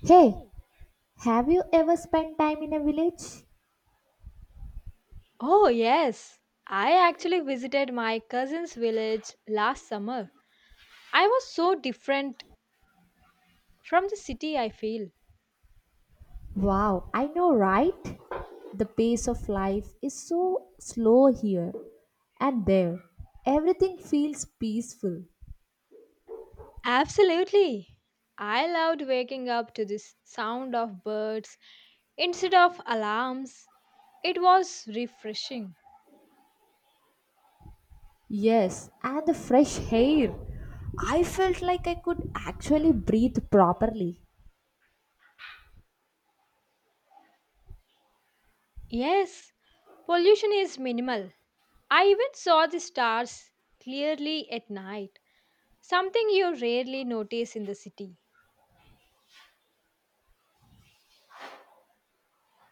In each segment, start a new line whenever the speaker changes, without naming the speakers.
Hey, have you ever spent time in a village?
Oh, yes. I actually visited my cousin's village last summer. I was so different from the city, I feel.
Wow, I know, right? The pace of life is so slow here and there. Everything feels peaceful.
Absolutely. I loved waking up to this sound of birds instead of alarms. It was refreshing.
Yes, and the fresh air. I felt like I could actually breathe properly.
Yes, pollution is minimal. I even saw the stars clearly at night, something you rarely notice in the city.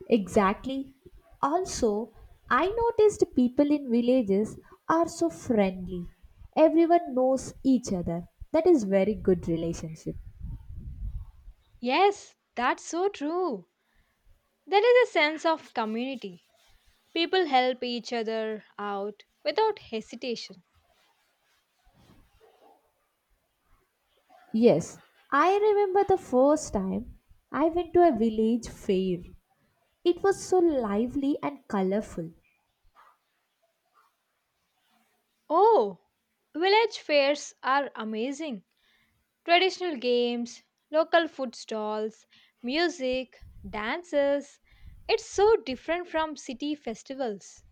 Exactly. Also, I noticed people in villages are so friendly. Everyone knows each other. That is very good relationship.
Yes, that's so true. There is a sense of community. People help each other out without hesitation.
Yes, I remember the first time I went to a village fair. It was so lively and colorful.
Oh, village fairs are amazing. Traditional games, local food stalls, music, dances. It's so different from city festivals.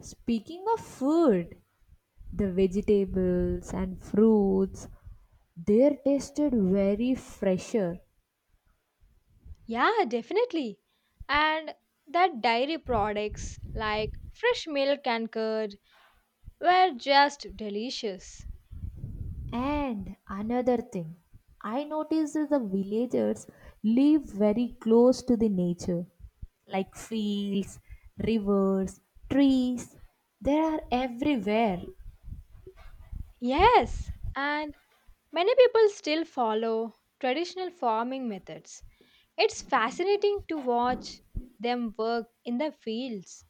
Speaking of food, the vegetables and fruits they tasted very fresher.
Yeah, definitely. And that dairy products like fresh milk and curd were just delicious.
And another thing, I noticed that the villagers live very close to the nature like fields, rivers, trees. They are everywhere.
Yes, and many people still follow traditional farming methods. It's fascinating to watch them work in the fields.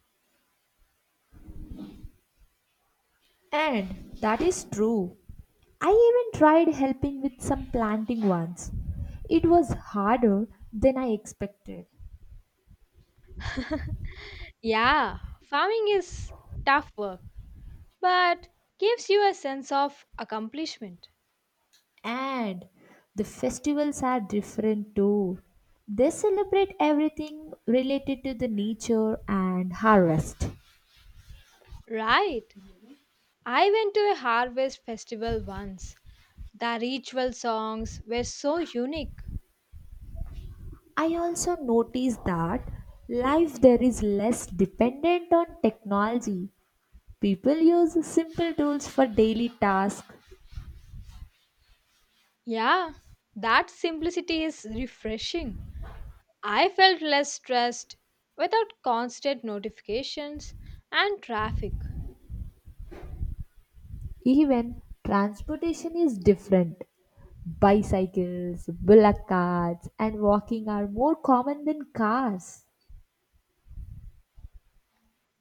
And that is true. I even tried helping with some planting once. It was harder than I expected.
Yeah, farming is tough work, but gives you a sense of accomplishment.
And the festivals are different too. They celebrate everything related to the nature and harvest.
Right. I went to a harvest festival once. The ritual songs were so unique.
I also noticed that life there is less dependent on technology. People use simple tools for daily tasks.
Yeah, that simplicity is refreshing. I felt less stressed without constant notifications and traffic.
Even transportation is different. Bicycles, bullock carts, and walking are more common than cars.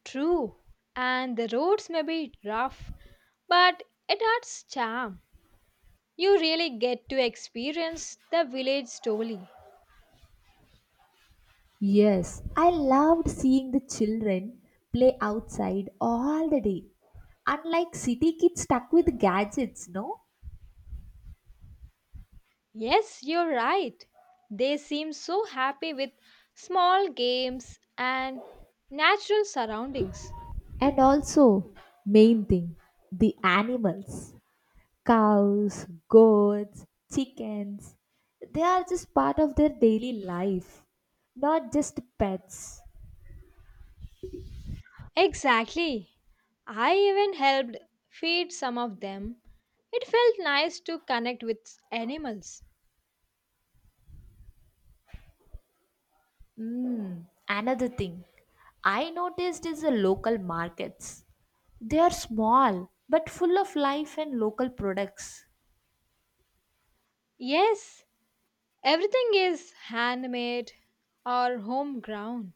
True, and the roads may be rough, but it adds charm. You really get to experience the village story.
Yes, I loved seeing the children play outside all the day. Unlike city kids stuck with gadgets, no?
Yes, you're right. They seem so happy with small games and natural surroundings.
And also, main thing, the animals. Cows, goats, chickens. They are just part of their daily life, not just pets.
Exactly. I even helped feed some of them. It felt nice to connect with animals.
Mm, another thing I noticed is the local markets. They are small but full of life and local products.
Yes, everything is handmade or homegrown.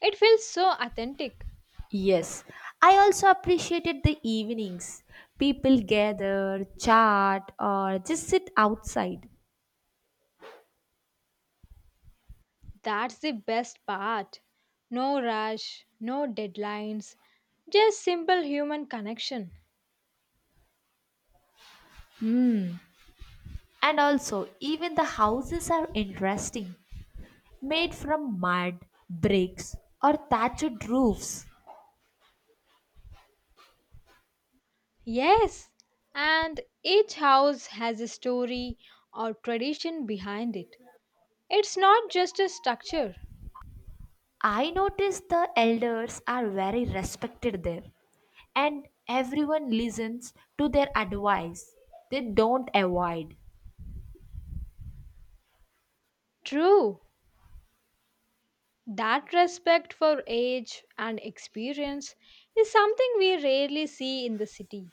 It feels so authentic.
Yes, I also appreciated the evenings. People gather, chat, or just sit outside.
That's the best part. No rush, no deadlines, just simple human connection.
And also, even the houses are interesting, made from mud, bricks, or thatched roofs.
Yes, and each house has a story or tradition behind it. It's not just a structure.
I noticed the elders are very respected there and everyone listens to their advice. They don't avoid.
True, that respect for age and experience is something we rarely see in the city.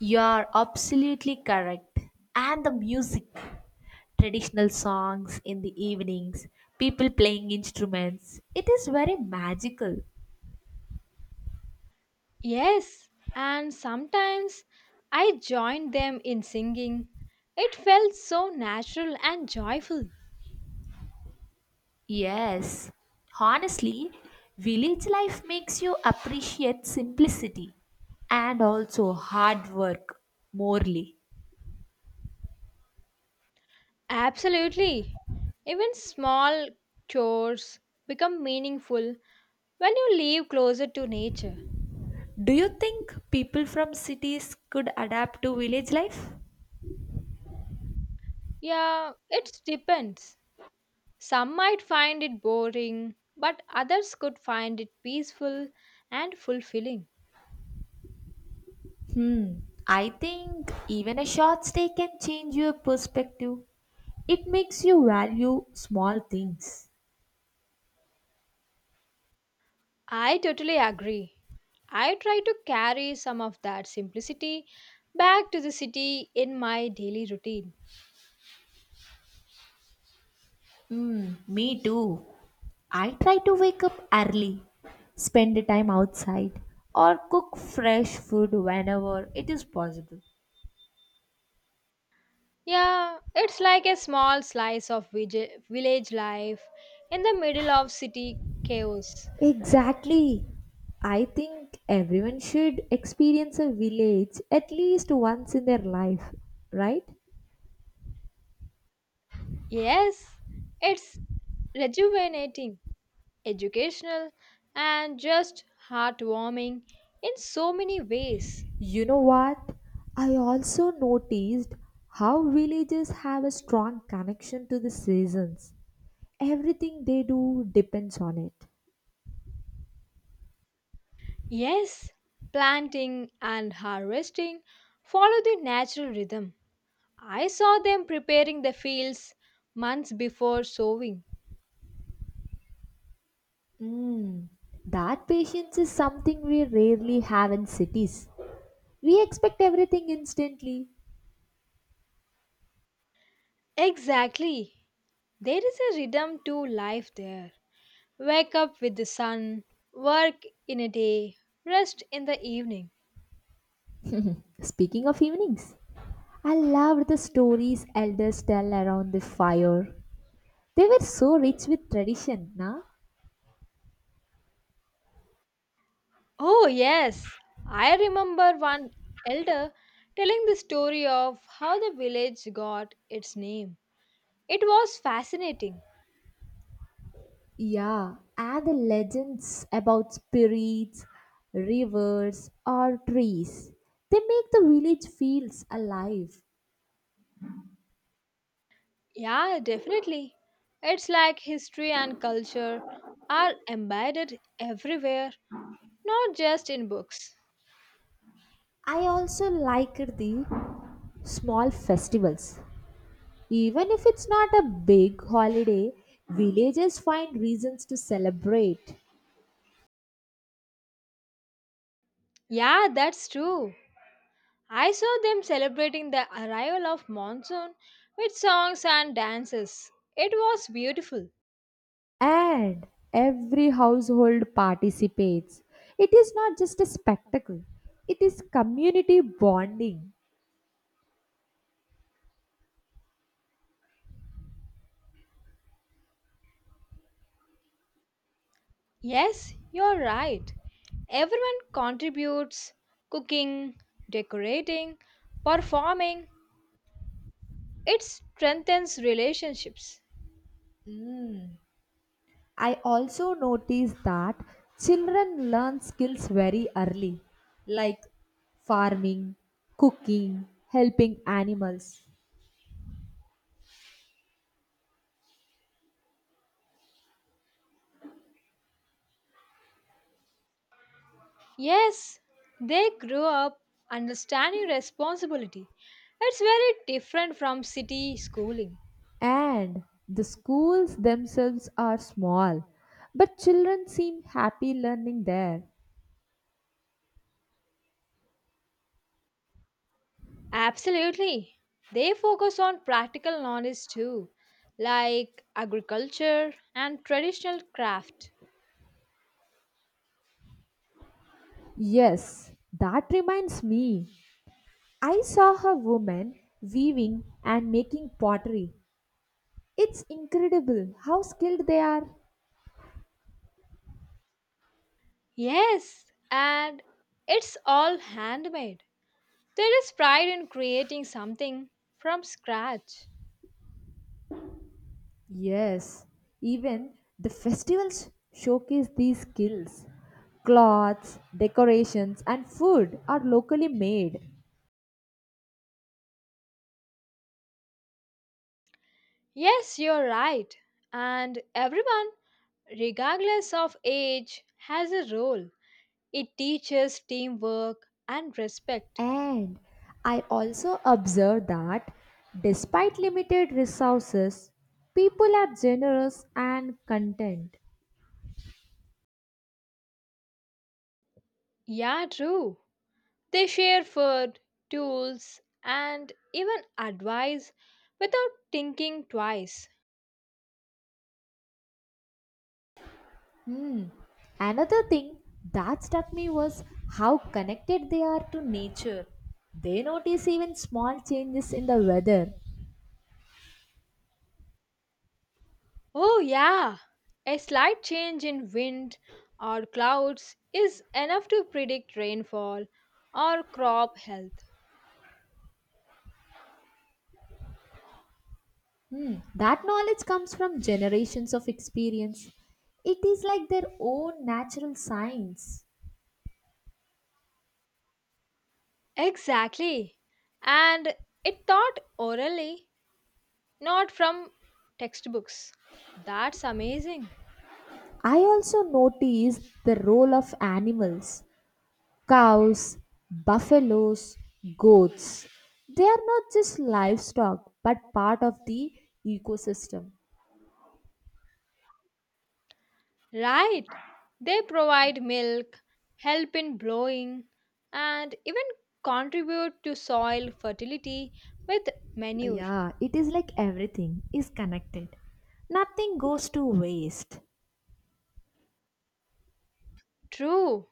You are absolutely correct. And the music, traditional songs in the evenings, people playing instruments, it is very magical.
Yes, and sometimes I joined them in singing. It felt so natural and joyful.
Yes, honestly, village life makes you appreciate simplicity and also hard work morely.
Absolutely. Even small chores become meaningful when you live closer to nature.
Do you think people from cities could adapt to village life?
Yeah, it depends. Some might find it boring, but others could find it peaceful and fulfilling.
Hmm, I think even a short stay can change your perspective. It makes you value small things.
I totally agree. I try to carry some of that simplicity back to the city in my daily routine.
Me too. I try to wake up early, spend the time outside, or cook fresh food whenever it is possible.
Yeah, it's like a small slice of village life in the middle of city chaos.
Exactly. I think everyone should experience a village at least once in their life, right?
Yes, it's rejuvenating, educational, and just heartwarming in so many ways.
You know what? I also noticed how villages have a strong connection to the seasons. Everything they do depends on it.
Yes, planting and harvesting follow the natural rhythm. I saw them preparing the fields months before sowing.
Mm, that patience is something we rarely have in cities. We expect everything instantly.
Exactly. There is a rhythm to life there. Wake up with the sun, work in a day, rest in the evening.
Speaking of evenings, I loved the stories elders tell around the fire. They were so rich with tradition, na?
Oh, yes. I remember one elder telling the story of how the village got its name. It was fascinating.
Yeah, and the legends about spirits, rivers, or trees. They make the village feels alive.
Yeah, definitely. It's like history and culture are embedded everywhere. Not just in books.
I also like the small festivals. Even if it's not a big holiday, villagers find reasons to celebrate.
Yeah, that's true. I saw them celebrating the arrival of monsoon with songs and dances. It was beautiful.
And every household participates. It is not just a spectacle, it is community bonding.
Yes, you're right. Everyone contributes cooking, decorating, performing. It strengthens relationships.
I also notice that children learn skills very early, like farming, cooking, helping animals,
Yes, they grow up understanding responsibility. It's very different from city schooling.
and the schools themselves are small, but children seem happy learning there.
Absolutely. They focus on practical knowledge too, like agriculture and traditional craft.
Yes, that reminds me. I saw a woman weaving and making pottery. It's incredible how skilled they are.
Yes, and it's all handmade. There is pride in creating something from scratch.
Yes, even the festivals showcase these skills. Cloths, decorations, and food are locally made.
Yes, you're right. And everyone, regardless of age, has a role. It teaches teamwork and respect.
And I also observe that despite limited resources, people are generous and content.
Yeah, true. They share food, tools, and even advice without thinking twice.
Another thing that struck me was how connected they are to nature. They notice even small changes in the weather.
Oh, yeah, a slight change in wind or clouds is enough to predict rainfall or crop health.
That knowledge comes from generations of experience. It is like their own natural science.
Exactly, and it taught orally, not from textbooks. That's amazing.
I also notice the role of animals cows, buffaloes, goats. They are not just livestock but part of the ecosystem.
Right. They provide milk, help in blowing, and even contribute to soil fertility with manure.
Yeah, it is like everything is connected. Nothing goes to waste.
True.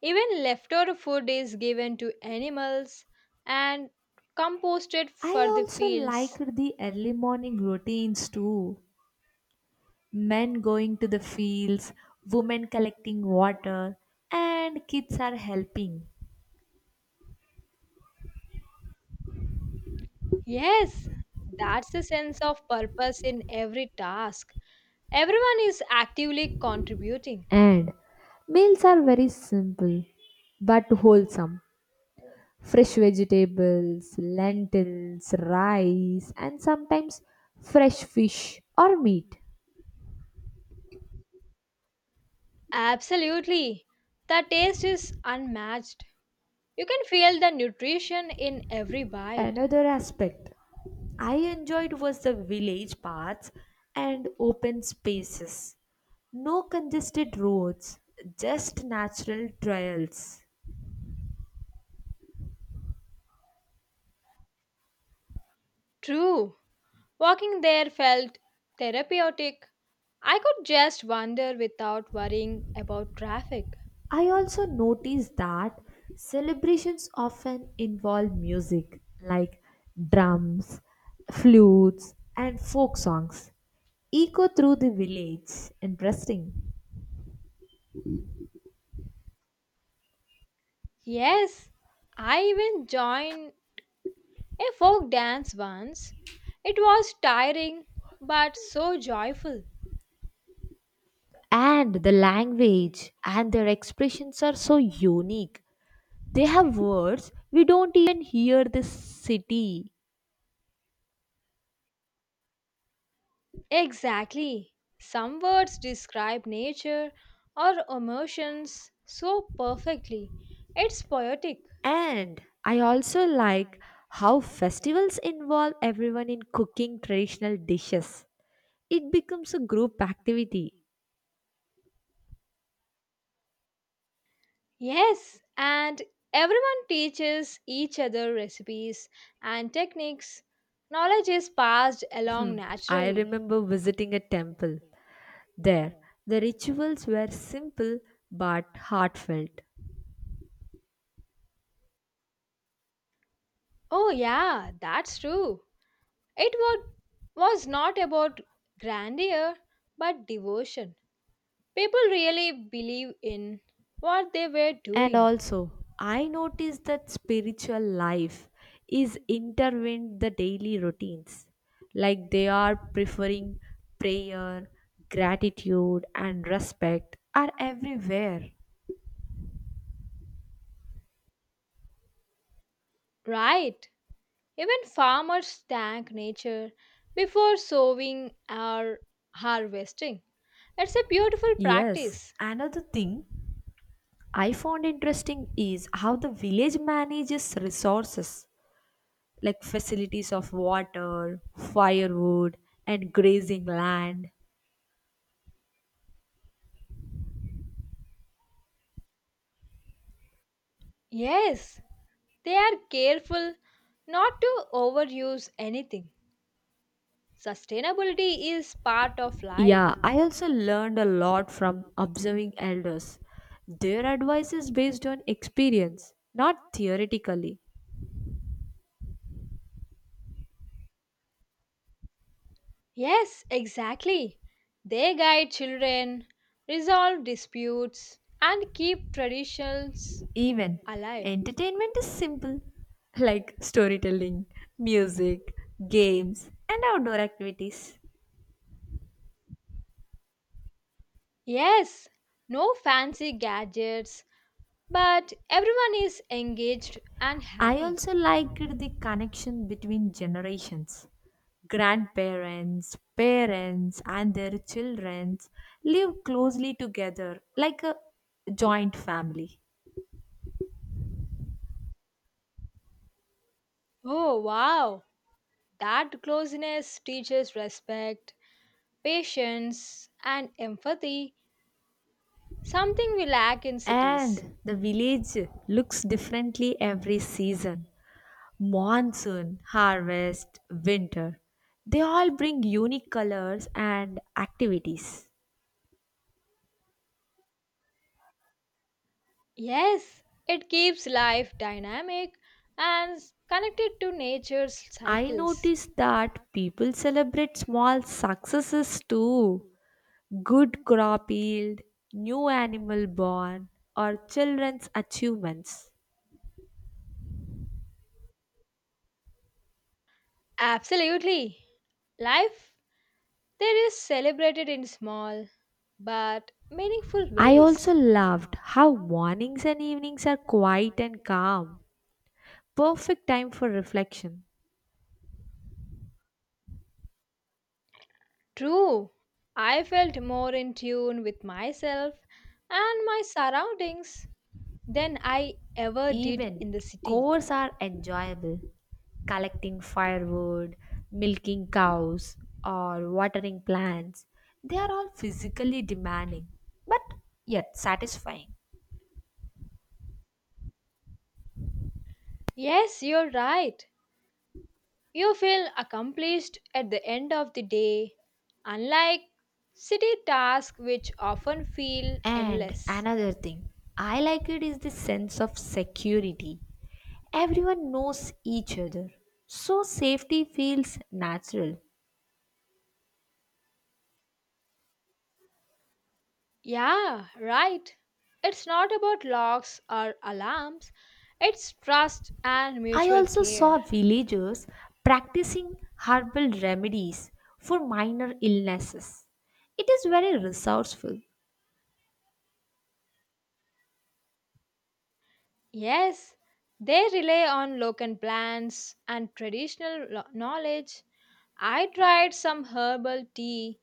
Even leftover food is given to animals and composted
I
for the
also
fields.
liked the early morning routines too. Men going to the fields, women collecting water, and kids are helping.
Yes, that's the sense of purpose in every task. Everyone is actively contributing.
And meals are very simple but wholesome. Fresh vegetables, lentils, rice, and sometimes fresh fish or meat.
Absolutely. The taste is unmatched. You can feel the nutrition in every bite.
Another aspect I enjoyed was the village paths and open spaces. No congested roads, just natural trails.
True, walking there felt therapeutic. I could just wander without worrying about traffic.
I also notice that celebrations often involve music like drums, flutes, and folk songs echo through the village. Interesting.
Yes, I even joined a folk dance once. It was tiring but so joyful.
And the language and their expressions are so unique. They have words we don't even hear the city.
Exactly. Some words describe nature or emotions so perfectly. It's poetic.
And I also like how festivals involve everyone in cooking traditional dishes. It becomes a group activity.
Yes, and everyone teaches each other recipes and techniques. Knowledge is passed along
I
naturally.
remember visiting a temple. There, the rituals were simple but heartfelt.
Oh, yeah, that's true. It wa- was not about grandeur but devotion. People really believe in what they were
And
doing.
also, I noticed that spiritual life is intertwined the daily routines. Like they are preferring prayer, gratitude and respect are everywhere.
Right. Even farmers thank nature before sowing or harvesting. It's a beautiful
Yes,
practice.
another thing I found interesting is how the village manages resources. Like facilities of water, firewood, and grazing land.
Yes, they are careful not to overuse anything. Sustainability is part of
Yeah,
life.
I also learned a lot from observing elders. Their advice is based on experience, not theoretically.
Yes, exactly. They guide children, resolve disputes, and keep traditions
Even
alive.
entertainment is simple, like storytelling, music, games, and outdoor activities.
Yes, no fancy gadgets, but everyone is engaged and
I
happy.
also liked the connection between generations. Grandparents, parents, and their children live closely together like a joint family.
Oh, wow! That closeness teaches respect, patience, and empathy. Something we lack in cities.
And the village looks differently every season monsoon, harvest, winter. They all bring unique colors and activities.
Yes, it keeps life dynamic and connected to nature's
I
cycles.
noticed that people celebrate small successes too, good crop yield, new animal born, or children's achievements.
Absolutely. Life there is celebrated in small but meaningful
I also
ways.
loved how mornings and evenings are quiet and calm, perfect time for reflection.
True, I felt more in tune with myself and my surroundings than I ever did in
Even
the city.
chores are enjoyable. Collecting firewood, milking cows, or watering plants, they are all physically demanding but yet satisfying.
Yes, you're right. You feel accomplished at the end of the day, unlike city tasks which often feel
And
endless.
another thing I like it is the sense of security. Everyone knows each other, so safety feels natural.
Yeah, right. It's not about locks or alarms, it's trust and
I
mutual
also
care.
saw villagers practicing herbal remedies for minor illnesses. It is very resourceful.
Yes, they rely on local plants and traditional knowledge. I tried some herbal tea.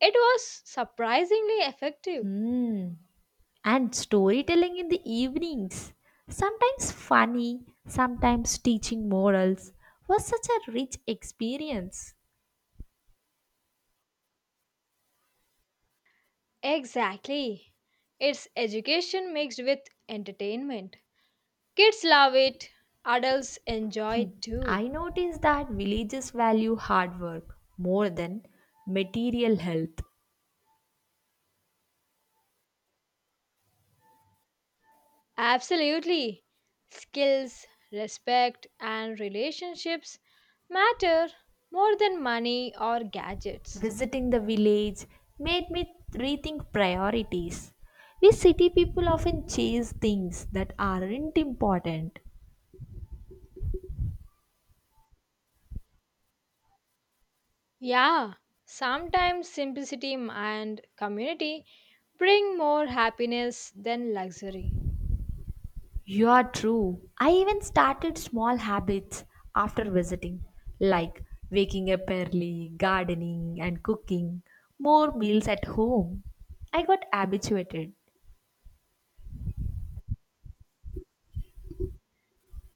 It was surprisingly effective.
Hmm. And storytelling in the evenings, sometimes funny, sometimes teaching morals, was such a rich experience.
Exactly. It's education mixed with entertainment. Kids love it, adults enjoy it too.
I noticed that villages value hard work more than material health.
Absolutely. Skills, respect, and relationships matter more than money or gadgets.
Visiting the village made me rethink priorities. We city people often chase things that aren't important.
Yeah, sometimes simplicity and community bring more happiness than luxury.
You are true. I even started small habits after visiting, like waking up early, gardening, and cooking more meals at home. I got habituated.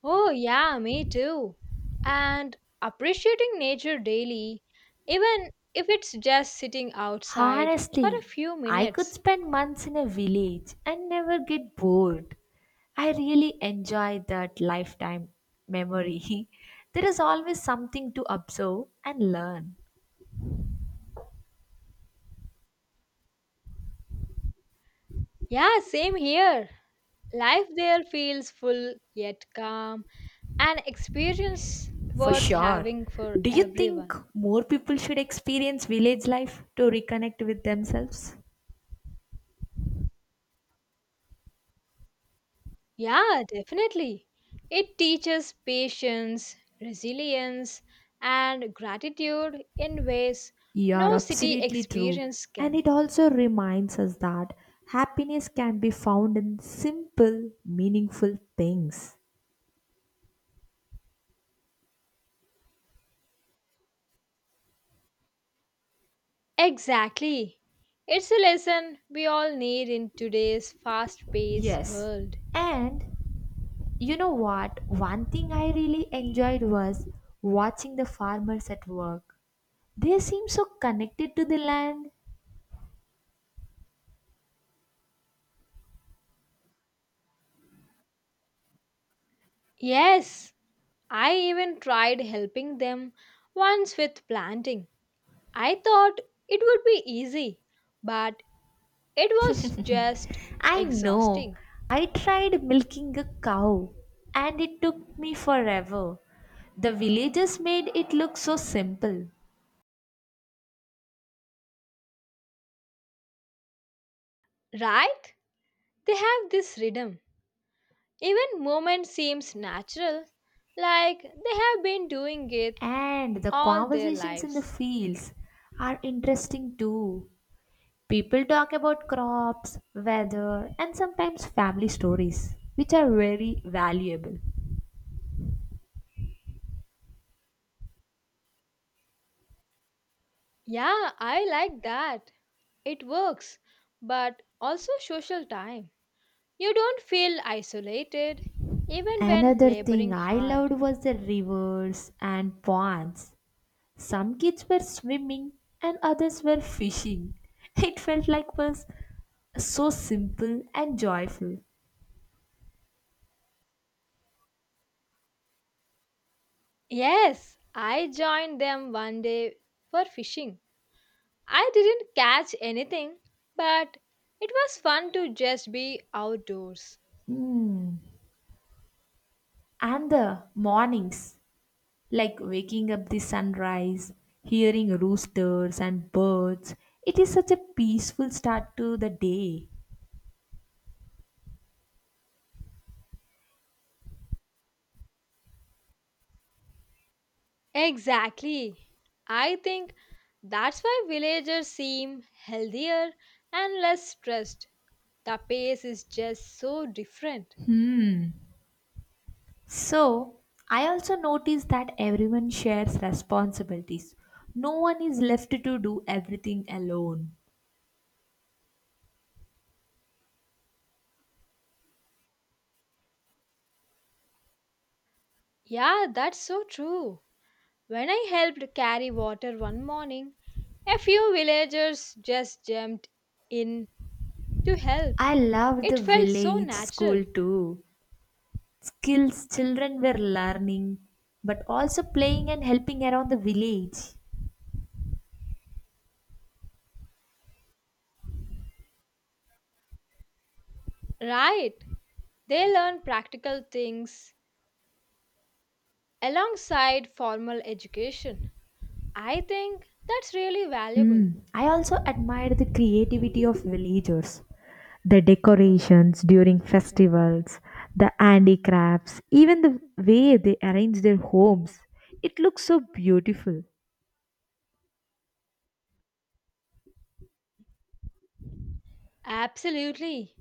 Oh, yeah, me too. And appreciating nature daily, even if it's just sitting outside for a
Honestly,
few
I could
minutes.
spend months in a village and never get bored. I really enjoy that lifetime memory. There is always something to observe and learn.
Yeah, same here. Life there feels full yet calm, an experience
For
worth
sure.
having for
Do you think
everyone.
more people should experience village life to reconnect with themselves?
Yeah, definitely. It teaches patience, resilience, and gratitude in ways
You are
no city
absolutely true.
experience
And
can.
it also reminds us that happiness can be found in simple, meaningful things.
Exactly. It's a lesson we all need in today's fast paced
Yes.
world.
And you know what? One thing I really enjoyed was watching the farmers at work. They seem so connected to the land.
Yes, I even tried helping them once with planting. I thought it would be easy, but it was just
I know.
exhausting.
I tried milking a cow and it took me forever. The villagers made it look so simple.
Right? They have this rhythm. Even movement seems natural, like they have been doing it
And the
all their
conversations in the
lives.
fields are interesting too. People talk about crops, weather, and sometimes family stories, which are very valuable.
Yeah, I like that. It works, but also social time. You don't feel isolated even when
Another thing
laboring
I
hard.
loved was the rivers and ponds. Some kids were swimming and others were fishing. It felt like was so simple and joyful.
Yes, I joined them one day for fishing. I didn't catch anything, but it was fun to just be outdoors.
And the mornings, like waking up the sunrise, hearing roosters and birds, it is such a peaceful start to the day.
Exactly. I think that's why villagers seem healthier and less stressed. The pace is just so different.
So, I also noticed that everyone shares responsibilities. No one is left to do everything alone.
Yeah, that's so true. When I helped carry water one morning, a few villagers just jumped in to help.
I love
It
the
felt so
village school
natural.
too. Skills children were learning, but also playing and helping around the village.
Right, they learn practical things alongside formal education. I think that's really valuable.
I also admired the creativity of villagers. The decorations during festivals, the handicrafts, even the way they arrange their homes. It looks so beautiful.
Absolutely.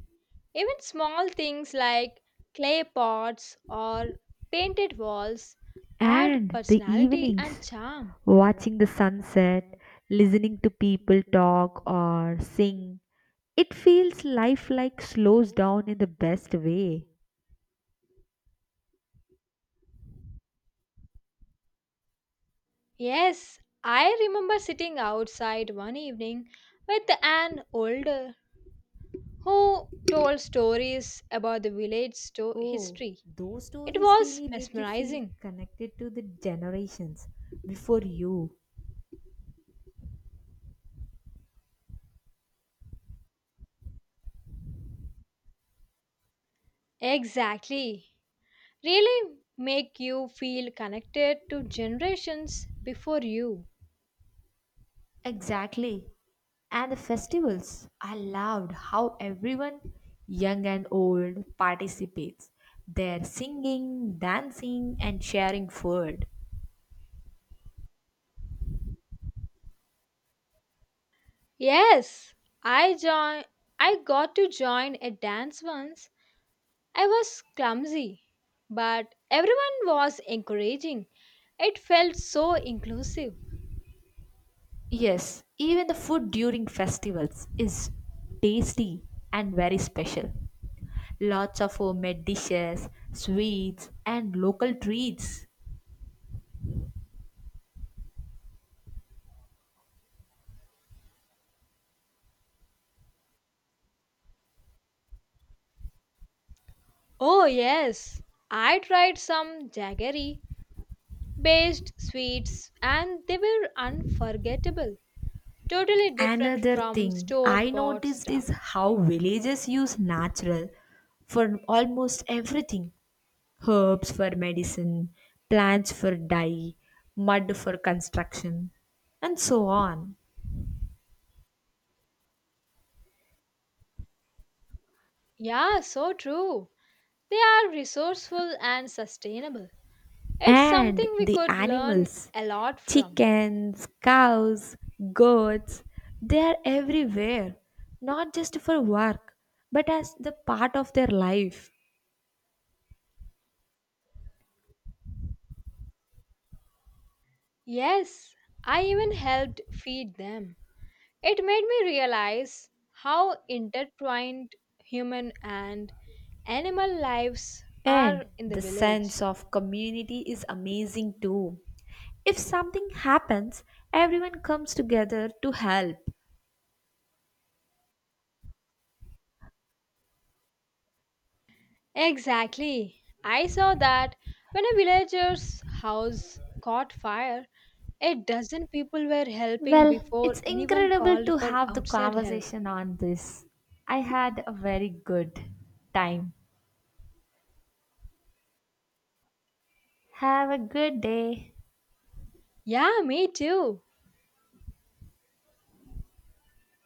Even small things like clay pots or painted walls add
And the
personality and
evenings,
charm.
watching the sunset, listening to people talk or sing, it feels life like slows down in the best way.
Yes, I remember sitting outside one evening with an older who told stories about the village
Oh,
history.
those
It
stories
was
really make you feel
mesmerizing.
connected to the generations before you.
Exactly. Really make you feel connected to generations before you.
Exactly. And the festivals, I loved how everyone, young and old, participates. They're singing, dancing, and sharing food.
Yes, I join I got to join a dance once. I was clumsy, but everyone was encouraging. It felt so inclusive.
Yes, even the food during festivals is tasty and very special. Lots of homemade dishes, sweets, and local treats.
Oh yes, I tried some jaggery based sweets and they were unforgettable. Totally different
Another
from
thing
store
I
bought
noticed is
stuff.
how villages use natural for almost everything herbs for medicine, plants for dye, mud for construction, and so on.
Yeah, so true. They are resourceful and sustainable. It's
And
something we
the
could learn
animals
a lot from.
chickens, cows, goats they are everywhere, not just for work, but as the part of their life.
Yes, I even helped feed them. It made me realize how intertwined human and animal lives
And
are in the
the
village.
sense of community is amazing too. If something happens, everyone comes together to help.
Exactly. I saw that when a villager's house caught fire, a dozen people were helping
Well,
before
it's
anyone
incredible
called
to
for
have the
outside help.
conversation on this. I had a very good time. Have a good day.
Yeah, me too.